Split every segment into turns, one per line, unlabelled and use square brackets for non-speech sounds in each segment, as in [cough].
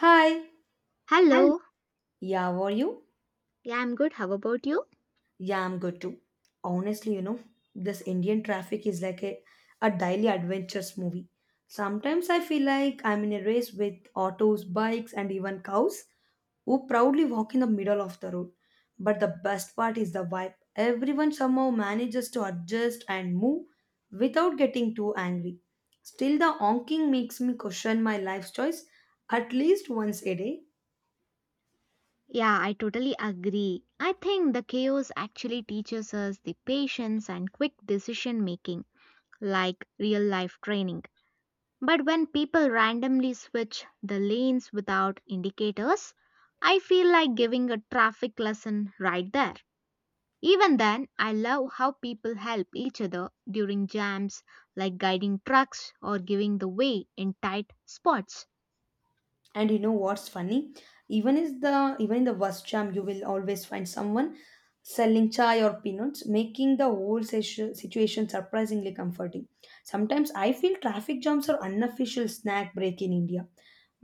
Hi. Hello.
Hello.
Yeah, how are you?
Yeah, I'm good. How about you?
Yeah, I'm good too. Honestly, you know, this Indian traffic is like a daily adventures movie. Sometimes I feel like I'm in a race with autos, bikes, and even cows who proudly walk in the middle of the road. But the best part is the vibe. Everyone somehow manages to adjust and move without getting too angry. Still, the honking makes me question my life choice at least once a day.
Yeah, I totally agree. I think the chaos actually teaches us the patience and quick decision making, like real life training. But when people randomly switch the lanes without indicators, I feel like giving a traffic lesson right there. Even then, I love how people help each other during jams, like guiding trucks or giving the way in tight spots.
And you know what's funny, even in the worst jam you will always find someone selling chai or peanuts, making the whole situation surprisingly comforting. Sometimes I feel traffic jams are unofficial snack break in India.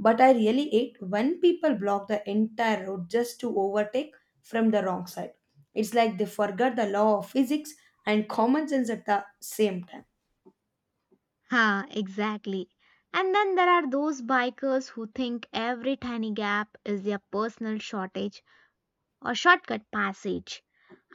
But I really hate when people block the entire road just to overtake from the wrong side. It's like they forgot the law of physics and common sense at the same time.
Ha, exactly. And then there are those bikers who think every tiny gap is their personal shortage or shortcut passage.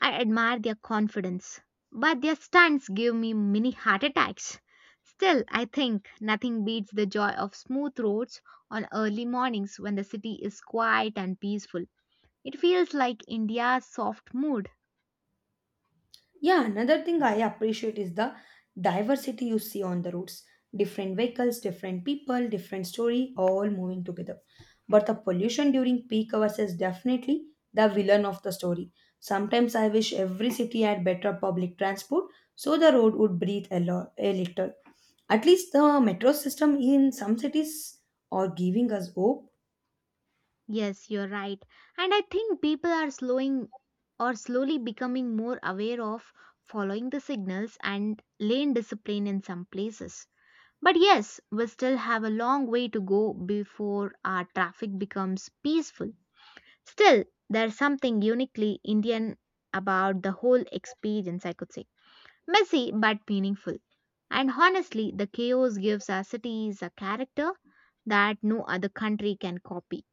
I admire their confidence, but their stunts give me mini heart attacks. Still, I think nothing beats the joy of smooth roads on early mornings when the city is quiet and peaceful. It feels like India's soft mood.
Yeah, another thing I appreciate is the diversity you see on the roads. Different vehicles, different people, different story, all moving together. But the pollution during peak hours is definitely the villain of the story. Sometimes I wish every city had better public transport so the road would breathe a little. At least the metro system in some cities are giving us hope.
Yes, you're right. And I think people are slowing or slowly becoming more aware of following the signals and lane discipline in some places. But yes, we still have a long way to go before our traffic becomes peaceful. Still, there's something uniquely Indian about the whole experience, I could say. Messy but meaningful. And honestly, the chaos gives our cities a character that no other country can copy.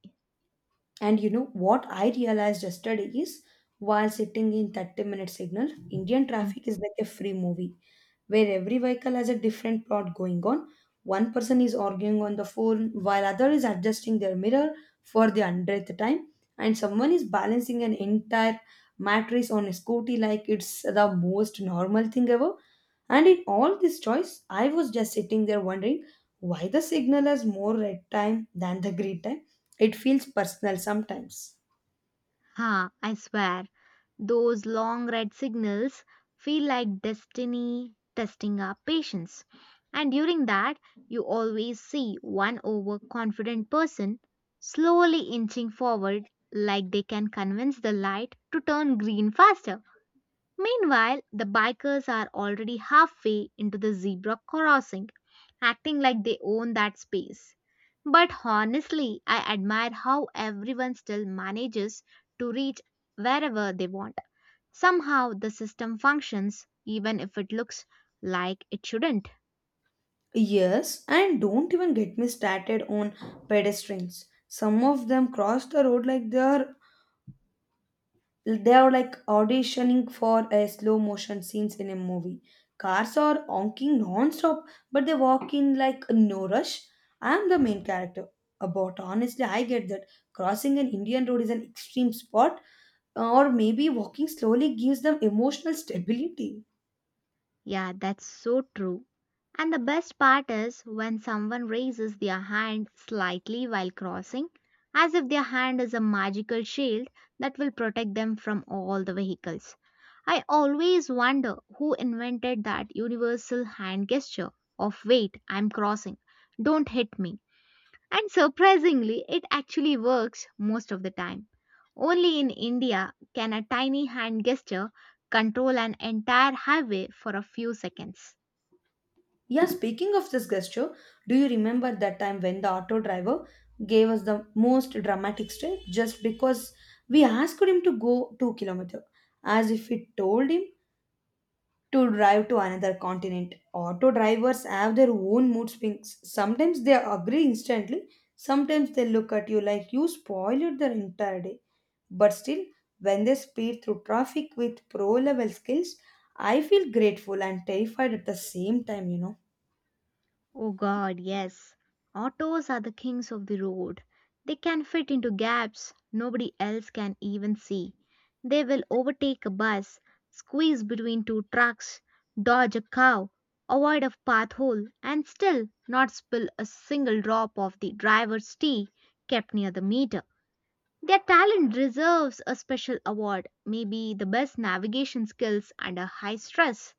And you know what I realized yesterday is while sitting in 30-minute signal, Indian traffic is like a free movie where every vehicle has a different plot going on. One person is arguing on the phone while other is adjusting their mirror for the 100th time, and someone is balancing an entire mattress on a scooty like it's the most normal thing ever. And in all this choice, I was just sitting there wondering why the signal has more red time than the green time. It feels personal sometimes.
Ha, I swear, those long red signals feel like destiny testing our patience. And during that, you always see one overconfident person slowly inching forward like they can convince the light to turn green faster. Meanwhile, the bikers are already halfway into the zebra crossing, acting like they own that space. But honestly, I admire how everyone still manages to reach wherever they want. Somehow, the system functions even if it looks like it shouldn't.
Yes, and don't even get me started on pedestrians. Some of them cross the road like they are like auditioning for a slow motion scenes in a movie. Cars are honking non-stop, but they walk in like no rush. I am the main character. About honestly, I get that crossing an Indian road is an extreme sport, or maybe walking slowly gives them emotional [laughs] stability.
Yeah, that's so true. And the best part is when someone raises their hand slightly while crossing, as if their hand is a magical shield that will protect them from all the vehicles. I always wonder who invented that universal hand gesture of wait, I'm crossing, don't hit me. And surprisingly, it actually works most of the time. Only in India can a tiny hand gesture control an entire highway for a few seconds.
Yeah, speaking of this gesture, do you remember that time when the auto driver gave us the most dramatic stare just because we asked him to go 2 kilometers, as if we told him to drive to another continent. Auto drivers have their own mood swings. Sometimes they agree instantly, sometimes they look at you like you spoiled their entire day. But still, when they speed through traffic with pro level skills, I feel grateful and terrified at the same time, you know.
Oh god, yes. Autos are the kings of the road. They can fit into gaps nobody else can even see. They will overtake a bus, squeeze between two trucks, dodge a cow, avoid a path hole, and still not spill a single drop of the driver's tea kept near the meter. Their talent deserves a special award, maybe the best navigation skills under high stress.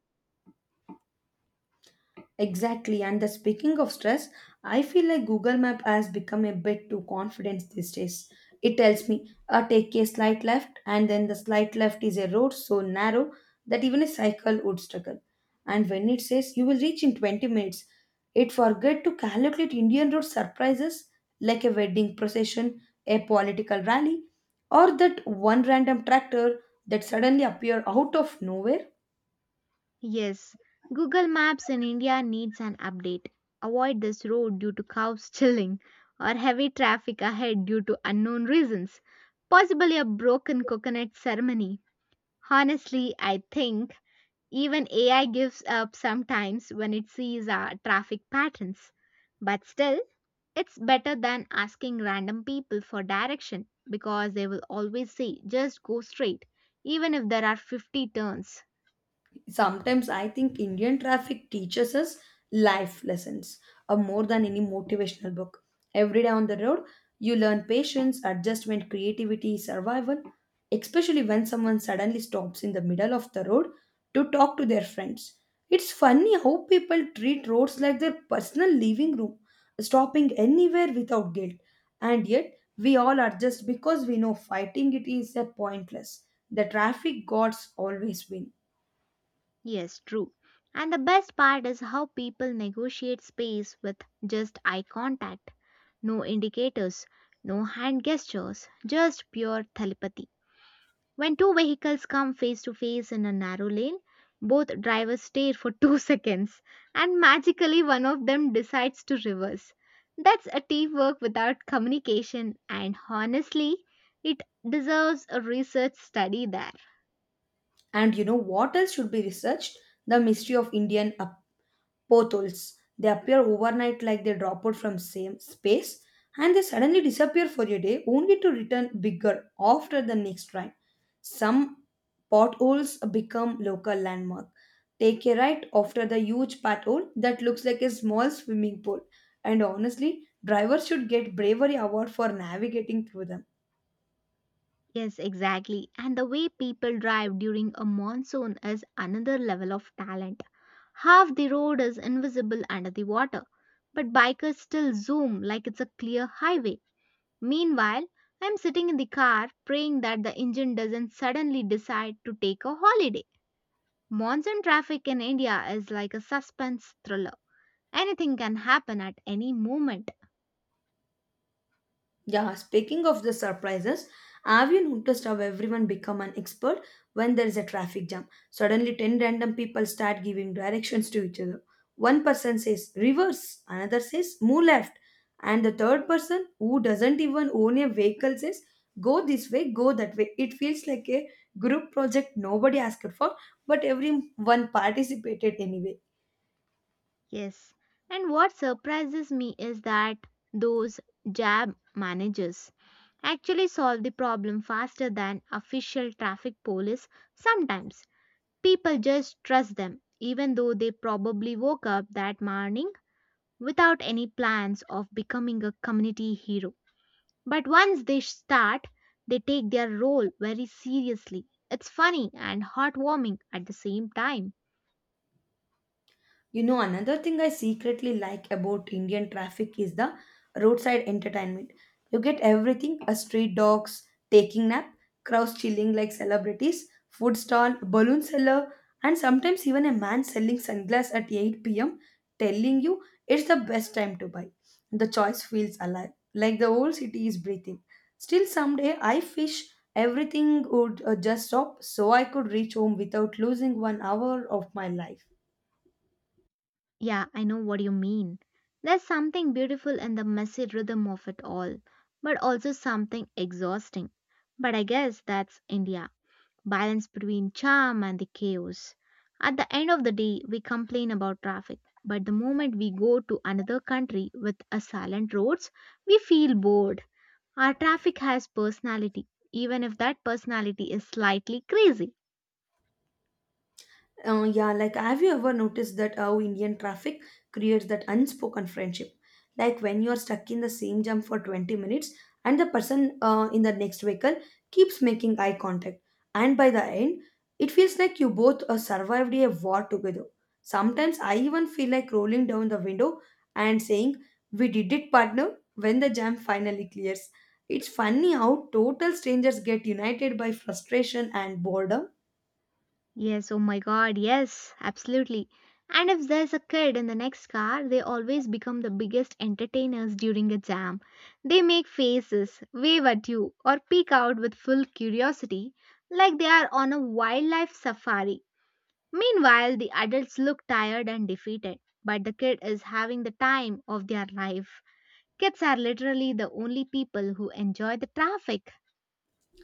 Exactly. And the speaking of stress, I feel like Google Map has become a bit too confident these days. It tells me, take a slight left, and then the slight left is a road so narrow that even a cycle would struggle. And when it says you will reach in 20 minutes, it forget to calculate Indian road surprises like a wedding procession, a political rally, or that one random tractor that suddenly appear out of nowhere.
Yes, Google Maps in India needs an update. Avoid this road due to cows [laughs] chilling or heavy traffic ahead due to unknown reasons. Possibly a broken coconut ceremony. Honestly, I think even AI gives up sometimes when it sees our traffic patterns. But still, it's better than asking random people for direction because they will always say just go straight, even if there are 50 turns.
Sometimes I think Indian traffic teaches us life lessons, more than any motivational book. Every day on the road you learn patience, adjustment, creativity, survival, especially when someone suddenly stops in the middle of the road to talk to their friends. It's funny how people treat roads like their personal living room, stopping anywhere without guilt, and yet we all are, just because we know fighting it is a pointless. The traffic gods always win.
Yes, true. And the best part is how people negotiate space with just eye contact. No indicators, no hand gestures, just pure telepathy. When two vehicles come face to face in a narrow lane, both drivers stare for [laughs] 2 seconds and magically one of them decides to reverse. That's a teamwork without communication, and honestly, it deserves a research study there.
And you know what else should be researched? The mystery of Indian apostles. They appear overnight like they drop out from same space, and they suddenly disappear for a day only to return bigger after the next rain. Some potholes become local landmark. Take a right after the huge pothole that looks like a small swimming pool. And honestly, drivers should get bravery award for navigating through them.
Yes, exactly. And the way people drive during a monsoon is another level of talent. Half the road is invisible under the water, but bikers still zoom like it's a clear highway. Meanwhile, I'm sitting in the car praying that the engine doesn't suddenly decide to take a holiday. Monsoon traffic in India is like a suspense thriller. Anything can happen at any moment.
Yeah, speaking of the surprises, have you noticed how everyone become an expert when there is a traffic jam? Suddenly 10 random people start giving directions to each other. One person says reverse, another says move left, and the third person who doesn't even own a vehicle says go this way, go that way. It feels like a group project nobody asked for, but everyone participated anyway.
Yes. And what surprises me is that those jab managers actually solve the problem faster than official traffic police sometimes. People just trust them, even though they probably woke up that morning without any plans of becoming a community hero. But once they start, they take their role very seriously. It's funny and heartwarming at the same time.
You know, another thing I secretly like about Indian traffic is the roadside entertainment. You get everything: a street dogs taking nap, crowds chilling like celebrities, food stall, balloon seller, and sometimes even a man selling sunglasses at 8 p.m. telling you it's the best time to buy. The choice feels alive, like the whole city is breathing. Still, someday I wish everything would just stop so I could reach home without losing one hour of my life.
Yeah, I know what you mean. There's something beautiful in the messy rhythm of it all, but also something exhausting. But I guess that's India. Balance between charm and the chaos. At the end of the day, we complain about traffic, but the moment we go to another country with a silent roads, we feel bored. Our traffic has personality, even if that personality is slightly crazy.
Yeah, like have you ever noticed that how Indian traffic creates that unspoken friendship? Like when you're stuck in the same jam for 20 minutes and the person in the next vehicle keeps making eye contact, and by the end, it feels like you both survived a war together. Sometimes I even feel like rolling down the window and saying, "We did it, partner," when the jam finally clears. It's funny how total strangers get united by frustration and boredom.
Yes, oh my god, yes, absolutely. And if there's a kid in the next car, they always become the biggest entertainers during a jam. They make faces, wave at you, or peek out with full curiosity, like they are on a wildlife safari. Meanwhile, the adults look tired and defeated, but the kid is having the time of their life. Kids are literally the only people who enjoy the traffic.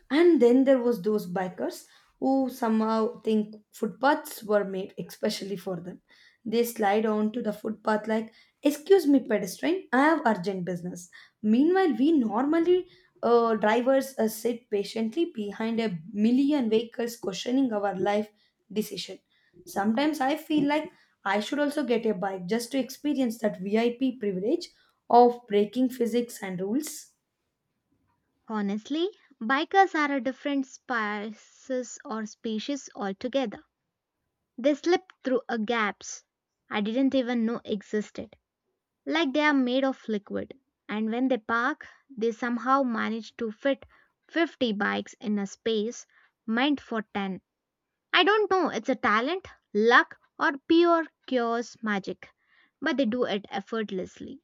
And then there was those bikers who somehow think footpaths were made especially for them. They slide onto the footpath like, "Excuse me, pedestrian, I have urgent business." Meanwhile, we normally drivers sit patiently behind a million vehicles, questioning our life decision. Sometimes I feel like I should also get a bike just to experience that VIP privilege of breaking physics and rules.
Honestly, bikers are a different species altogether. They slip through a gaps I didn't even know existed. Like they are made of liquid. And when they park, they somehow manage to fit 50 bikes in a space meant for 10. I don't know, it's a talent, luck, or pure chaos magic. But they do it effortlessly.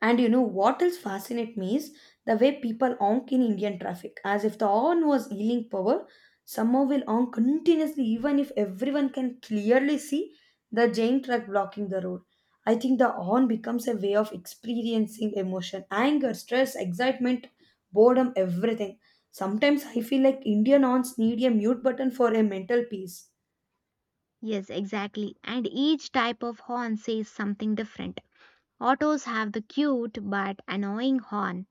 And you know what else fascinates me is the way people honk in Indian traffic, as if the horn was healing power. Someone will honk continuously, even if everyone can clearly see the giant truck blocking the road. I think the horn becomes a way of experiencing emotion, anger, stress, excitement, boredom, everything. Sometimes I feel like Indian horns need a mute button for a mental peace.
Yes, exactly. And each type of horn says something different. Autos have the cute but annoying horn.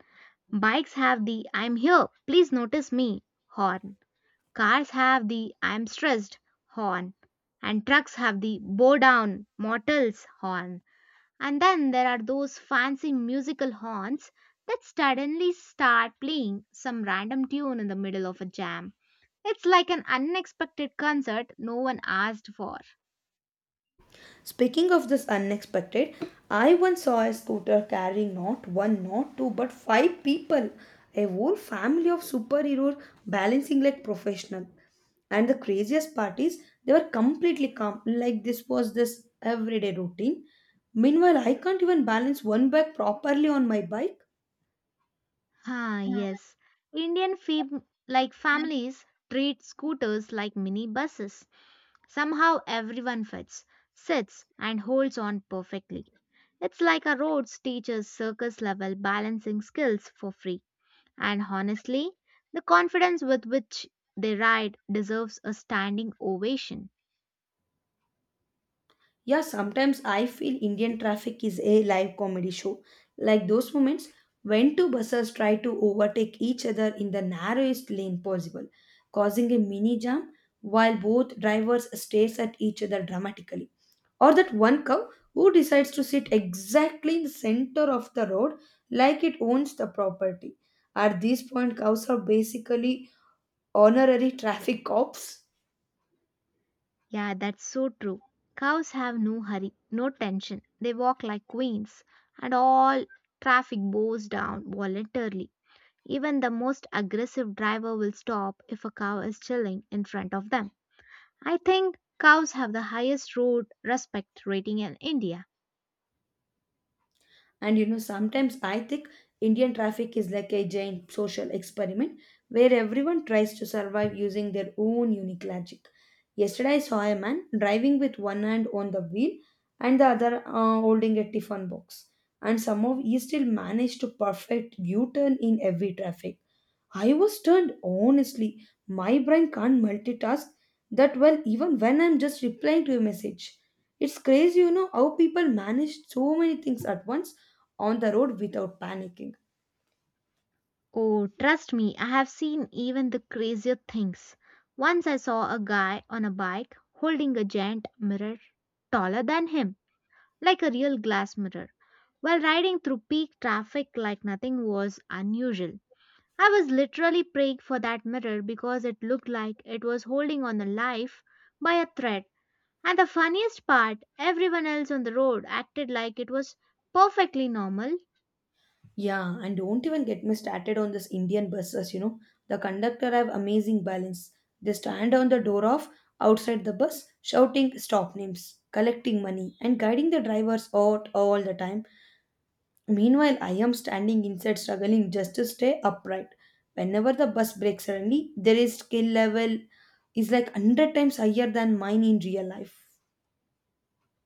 Bikes have the I'm here, please notice me horn. Cars have the I'm stressed horn. And trucks have the bow down mortals horn. And then there are those fancy musical horns that suddenly start playing some random tune in the middle of a jam. It's like an unexpected concert no one asked for.
Speaking of this unexpected, I once saw a scooter carrying not one, not two, but five people. A whole family of superheroes balancing like professional. And the craziest part is they were completely calm, like this was this everyday routine. Meanwhile, I can't even balance one bag properly on my bike.
Ah, yes. Like families treat scooters like mini buses. Somehow everyone fits, sits, and holds on perfectly. It's like a roads teacher's circus level balancing skills for free. And honestly, the confidence with which they ride deserves a standing ovation.
Yeah, sometimes I feel Indian traffic is a live comedy show. Like those moments when two buses try to overtake each other in the narrowest lane possible, causing a mini jam while both drivers stares at each other dramatically. Or that one cow who decides to sit exactly in the center of the road like it owns the property. At this point, cows are basically honorary traffic cops.
Yeah, that's so true. Cows have no hurry, no tension. They walk like queens, and all traffic bows down voluntarily. Even the most aggressive driver will stop if a cow is chilling in front of them. I think cows have the highest road respect rating in India.
And you know, sometimes I think Indian traffic is like a giant social experiment where everyone tries to survive using their own unique logic. Yesterday, I saw a man driving with one hand on the wheel and the other holding a tiffin box, and somehow he still managed to perfect U turn in every traffic I was turned honestly. My brain can't multitask that well even when I'm just replying to a message. It's crazy, you know, how people manage so many things at once on the road without panicking.
Oh, trust me, I have seen even the crazier things. Once I saw a guy on a bike holding a giant mirror taller than him, like a real glass mirror, while riding through peak traffic like nothing was unusual. I was literally praying for that mirror because it looked like it was holding on a life by a thread. And the funniest part, everyone else on the road acted like it was perfectly normal.
Yeah, and don't even get me started on this Indian buses, you know. The conductor have amazing balance. They stand on the door of outside the bus shouting stop names, collecting money and guiding the drivers out all the time. Meanwhile, I am standing inside, struggling just to stay upright. Whenever the bus breaks suddenly, their skill level is like 100 times higher than mine in real life.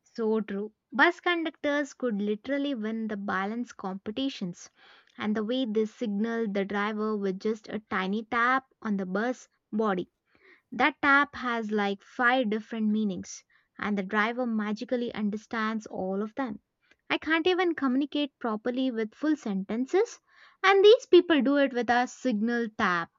So true. Bus conductors could literally win the balance competitions. And the way they signaled the driver with just a tiny tap on the bus body. That tap has like five different meanings, and the driver magically understands all of them. I can't even communicate properly with full sentences, and these people do it with a signal tap.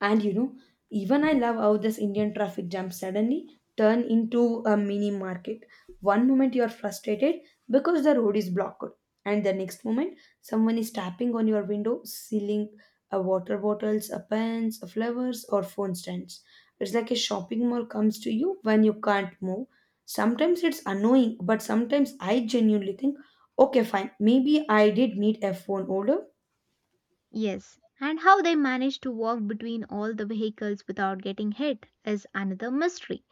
And you know, even I love how this Indian traffic jam suddenly turn into a mini market. One moment you are frustrated because the road is blocked, and the next moment someone is tapping on your window, selling water bottles, pens, flowers, or phone stands. It's like a shopping mall comes to you when you can't move. Sometimes it's annoying, but sometimes I genuinely think, okay, fine, maybe I did need a phone order.
Yes, and how they manage to walk between all the vehicles without getting hit is another mystery.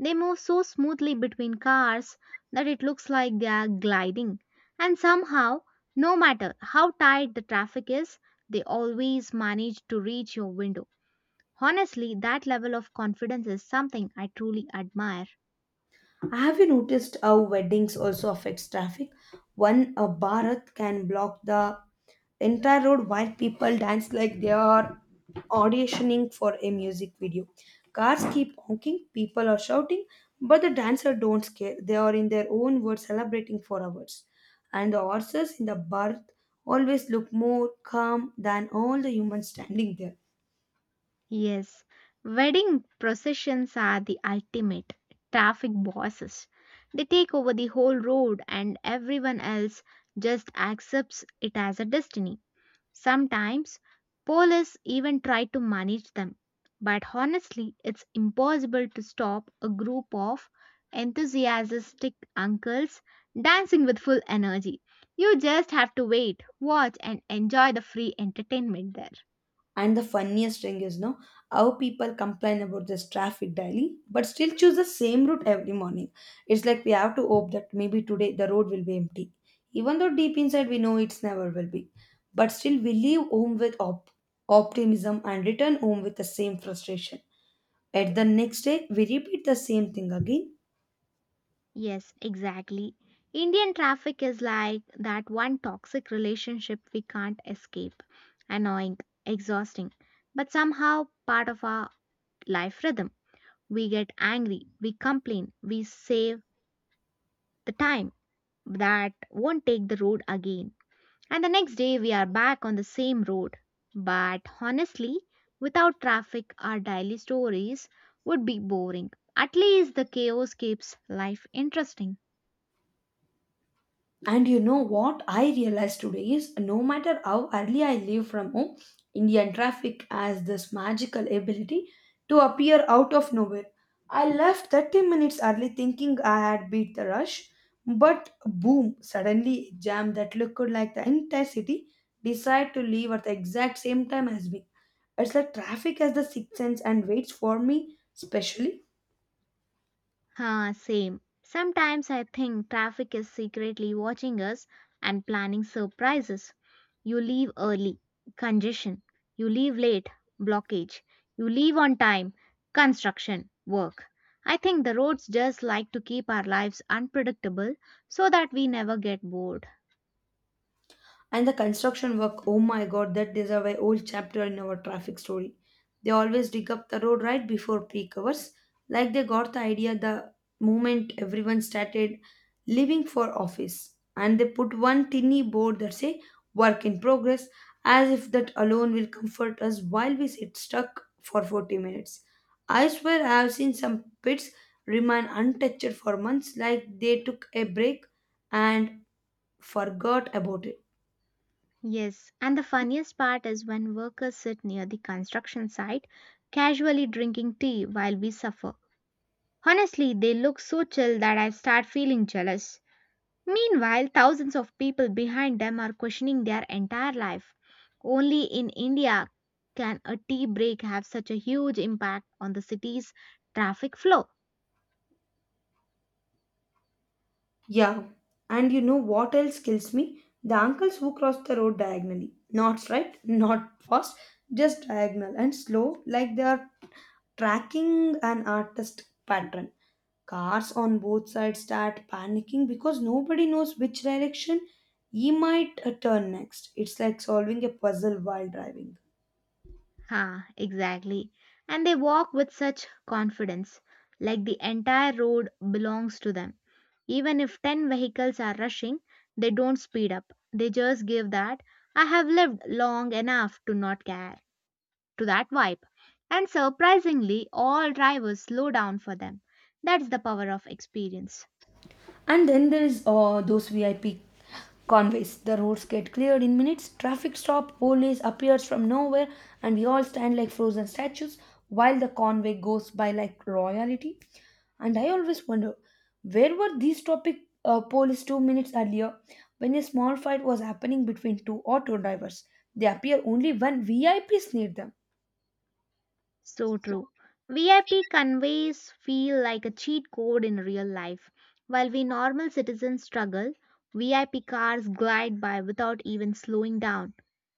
They move so smoothly between cars that it looks like they are gliding. And somehow, no matter how tight the traffic is, they always manage to reach your window. Honestly, that level of confidence is something I truly admire.
Have you noticed how weddings also affects traffic? One a Bharat can block the entire road while people dance like they are auditioning for a music video. Cars keep honking, people are shouting, but the dancers don't care. They are in their own world celebrating for hours. And the horses in the Bharat always look more calm than all the humans standing there.
Yes, wedding processions are the ultimate traffic bosses. They take over the whole road and everyone else just accepts it as a destiny. Sometimes police even try to manage them. But honestly, it's impossible to stop a group of enthusiastic uncles dancing with full energy. You just have to wait, watch, and enjoy the free entertainment there.
And the funniest thing is, no, how people complain about this traffic daily, but still choose the same route every morning. It's like we have to hope that maybe today the road will be empty, even though deep inside we know it's never will be. But still, we leave home with optimism and return home with the same frustration. At the next day, we repeat the same thing again.
Yes, exactly. Indian traffic is like that one toxic relationship we can't escape. Annoying, exhausting, but somehow part of our life rhythm. We get angry, we complain, we save the time that won't take the road again. And the next day we are back on the same road. But honestly, without traffic, our daily stories would be boring. At least the chaos keeps life interesting.
And you know what I realized today is no matter how early I leave from home, Indian traffic has this magical ability to appear out of nowhere. I left 30 minutes early thinking I had beat the rush, but boom, suddenly a jam that looked like the entire city decided to leave at the exact same time as me. It's like traffic has the sixth sense and waits for me especially?
Huh, same. Sometimes I think traffic is secretly watching us and planning surprises. You leave early, congestion. You leave late, blockage. You leave on time, construction, work. I think the roads just like to keep our lives unpredictable so that we never get bored.
And the construction work, oh my god, that is a very old chapter in our traffic story. They always dig up the road right before peak hours, like they got the idea the moment everyone started leaving for office. And they put one tinny board that say work in progress, as if that alone will comfort us while we sit stuck for 40 minutes. I swear I have seen some pits remain untouched for months, like they took a break and forgot about it.
Yes, and the funniest part is when workers sit near the construction site, casually drinking tea while we suffer. Honestly, they look so chill that I start feeling jealous. Meanwhile, thousands of people behind them are questioning their entire life. Only in India can a tea break have such a huge impact on the city's traffic flow.
Yeah, and you know what else kills me? The uncles who cross the road diagonally. Not straight, not fast, just diagonal and slow, like they are tracking an artist pattern. Cars on both sides start panicking because nobody knows which direction he might turn next. It's like solving a puzzle while driving.
Ha, exactly. And they walk with such confidence, like the entire road belongs to them. Even if 10 vehicles are rushing, they don't speed up. They just give that, I have lived long enough to not care. To that vibe. And surprisingly, all drivers slow down for them. That's the power of experience.
And then there is those VIP convoys. The roads get cleared in minutes, traffic stop, police appears from nowhere, and we all stand like frozen statues while the convoy goes by like royalty. And I always wonder, where were these topic police 2 minutes earlier when a small fight was happening between two auto drivers? They appear only when VIPs need them.
So true. VIP conveys feel like a cheat code in real life. While we normal citizens struggle, VIP cars glide by without even slowing down.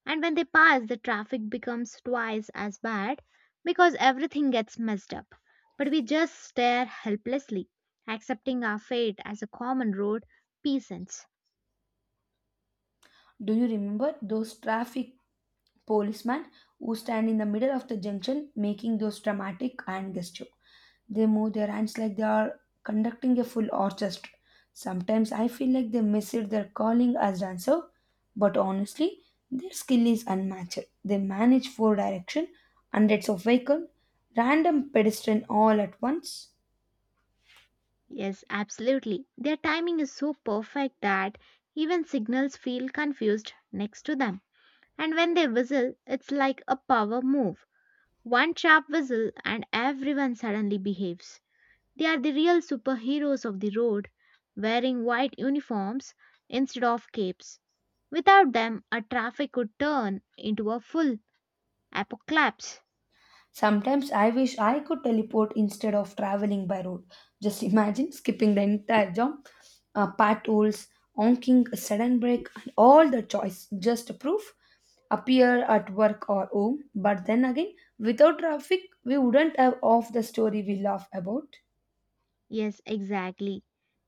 And when they pass, the traffic becomes twice as bad because everything gets messed up. But we just stare helplessly, accepting our fate as a common road peasants.
Do you remember those traffic policeman who stand in the middle of the junction making those dramatic hand gesture? They move their hands like they are conducting a full orchestra. Sometimes I feel like they miss it their calling as dancer, but honestly, their skill is unmatched. They manage four direction, hundreds of vehicle, random pedestrian all at once.
Yes, absolutely. Their timing is so perfect that even signals feel confused next to them. And when they whistle, it's like a power move. One sharp whistle and everyone suddenly behaves. They are the real superheroes of the road, wearing white uniforms instead of capes. Without them, a traffic could turn into a full apocalypse.
Sometimes I wish I could teleport instead of traveling by road. Just imagine skipping the entire jump, potholes, honking, a sudden break, and all the choice just proof appear at work or home. But then again, without traffic, we wouldn't have off the story we laugh about.
Yes, exactly.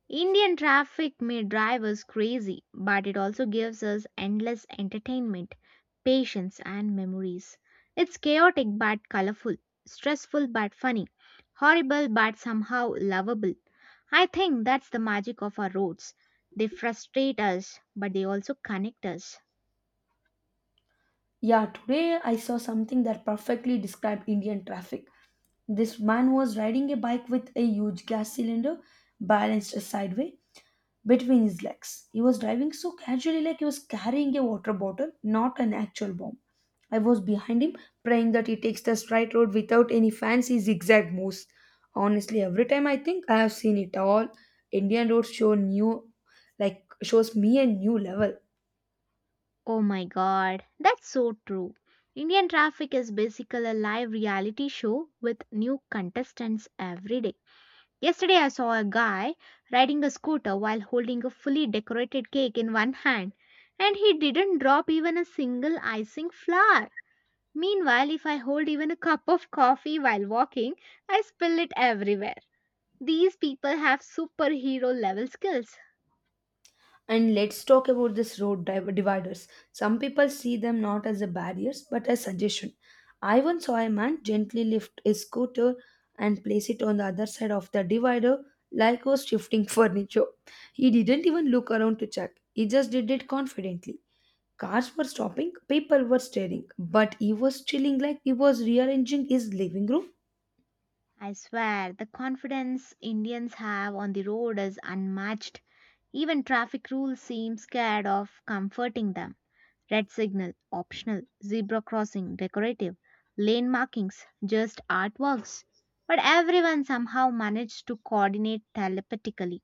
Indian traffic may drive us crazy, but it also gives us endless entertainment, patience, and memories. It's chaotic but colorful, stressful but funny, horrible but somehow lovable. I think that's the magic of our roads. They frustrate us, but they also connect us.
Yeah, today I saw something that perfectly described Indian traffic. This man was riding a bike with a huge gas cylinder balanced sideways between his legs. He was driving so casually, like he was carrying a water bottle, not an actual bomb. I was behind him, praying that he takes the straight road without any fancy zigzag moves. Honestly, every time I think I have seen it all, Indian roads show new, like shows me a new level.
Oh my god, that's so true. Indian traffic is basically a live reality show with new contestants every day. Yesterday, I saw a guy riding a scooter while holding a fully decorated cake in one hand, and he didn't drop even a single icing flower. Meanwhile, if I hold even a cup of coffee while walking, I spill it everywhere. These people have superhero level skills.
And let's talk about this dividers. Some people see them not as a barriers but as suggestion. I once saw a man gently lift his scooter and place it on the other side of the divider like he was shifting [laughs] furniture. He didn't even look around to check. He just did it confidently. Cars were stopping, people were staring, but he was chilling like he was rearranging his living room.
I swear, the confidence Indians have on the road is unmatched. Even traffic rules seem scared of comforting them. Red signal, optional, zebra crossing, decorative, lane markings, just artworks. But everyone somehow managed to coordinate telepathically.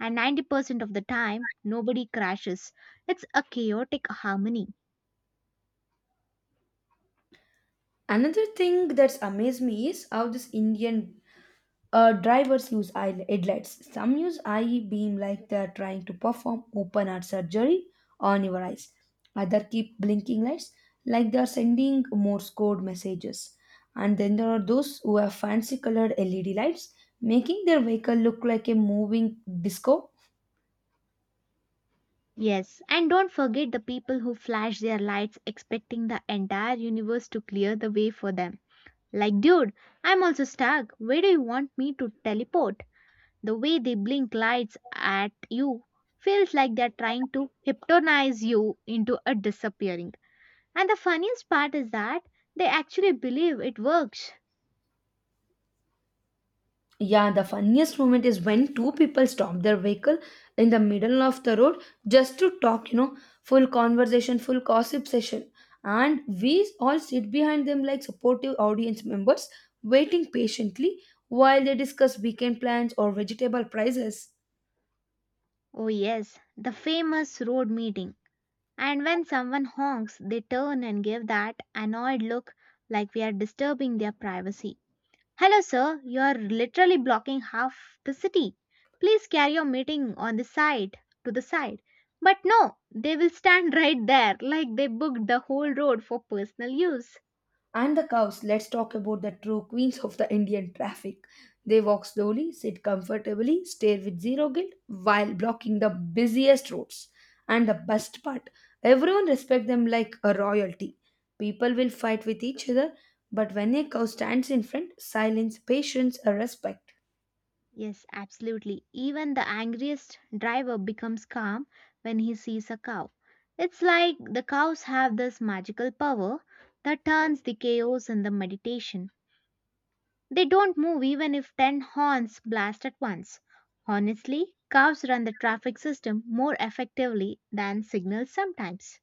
And 90% of the time, nobody crashes. It's a chaotic harmony.
Another thing that's amazed me is how this Indian drivers use eye headlights. Some use eye beam like they are trying to perform open heart surgery on your eyes. Other keep blinking lights like they are sending Morse code messages. And then there are those who have fancy colored LED lights, making their vehicle look like a moving disco.
Yes, and don't forget the people who flash their lights expecting the entire universe to clear the way for them. Like, dude, I'm also stuck. Where do you want me to teleport? The way they blink lights at you feels like they're trying to hypnotize you into a disappearing. And the funniest part is that they actually believe it works.
Yeah, the funniest moment is when two people stop their vehicle in the middle of the road just to talk, you know, full conversation, full gossip session. And we all sit behind them like supportive audience members, waiting patiently while they discuss weekend plans or vegetable prices.
Oh, yes, the famous road meeting. And when someone honks, they turn and give that annoyed look like we are disturbing their privacy. Hello, sir. You are literally blocking half the city. Please carry your meeting on the side, to the side. But no, they will stand [laughs] right there like they booked the whole road for personal use.
And the cows, let's talk about the true queens of the Indian traffic. They walk slowly, sit comfortably, stare with zero guilt while blocking the busiest roads. And the best part, everyone respects them like a royalty. People will fight with each other, but when a cow stands in front, silence, patience, and respect.
Yes, absolutely. Even the angriest driver becomes calm when he sees a cow. It's like the cows have this magical power that turns the chaos into meditation. They don't move even if 10 horns blast at once. Honestly, cows run the traffic system more effectively than signals sometimes.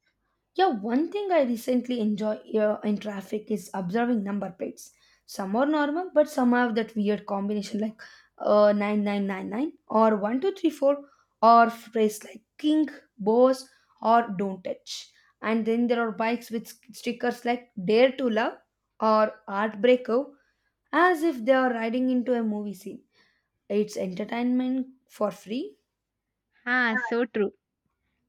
Yeah, one thing I recently enjoy in traffic is observing number plates. Some are normal, but some have that weird combination like 9999 or 1234 or phrase like king, boss, or don't touch. And then there are bikes with stickers like dare to love or heartbreaker as if they are riding into a movie scene. It's entertainment for free.
Ah, so true.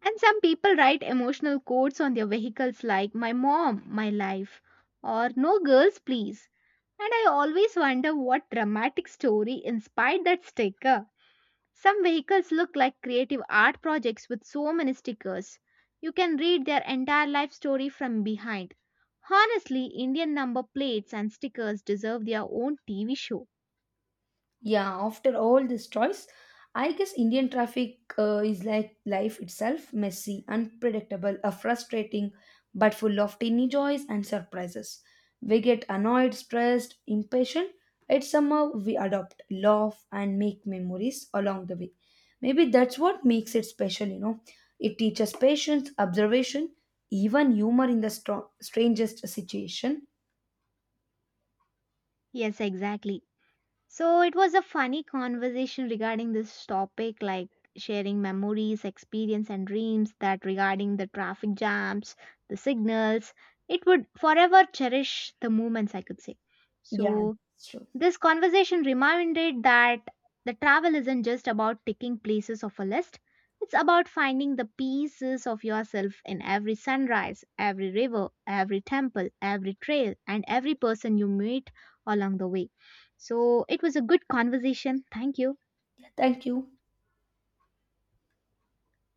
And some people write emotional quotes on their vehicles like, My mom, my life, or No girls, please. And I always wonder what dramatic story inspired that sticker. Some vehicles look like creative art projects with so many stickers. You can read their entire life story from behind. Honestly, Indian number plates and stickers deserve their own TV show.
Yeah, after all this choice, I guess Indian traffic is like life itself messy, unpredictable, frustrating, but full of tiny joys and surprises. We get annoyed, stressed, impatient, yet somehow we adopt, laugh, and make memories along the way. Maybe that's what makes it special, you know. It teaches patience, observation, even humor in the strangest situation.
Yes, exactly. So it was a funny conversation regarding this topic, like sharing memories, experience, and dreams that regarding the traffic jams, the signals. It would forever cherish the moments, I could say.
Yeah,
So
that's true.
this conversation reminded that the travel isn't just about ticking places of a list. It's about finding the pieces of yourself in every sunrise, every river, every temple, every trail, and every person you meet along the way. So it was a good conversation. Thank you.
Thank you.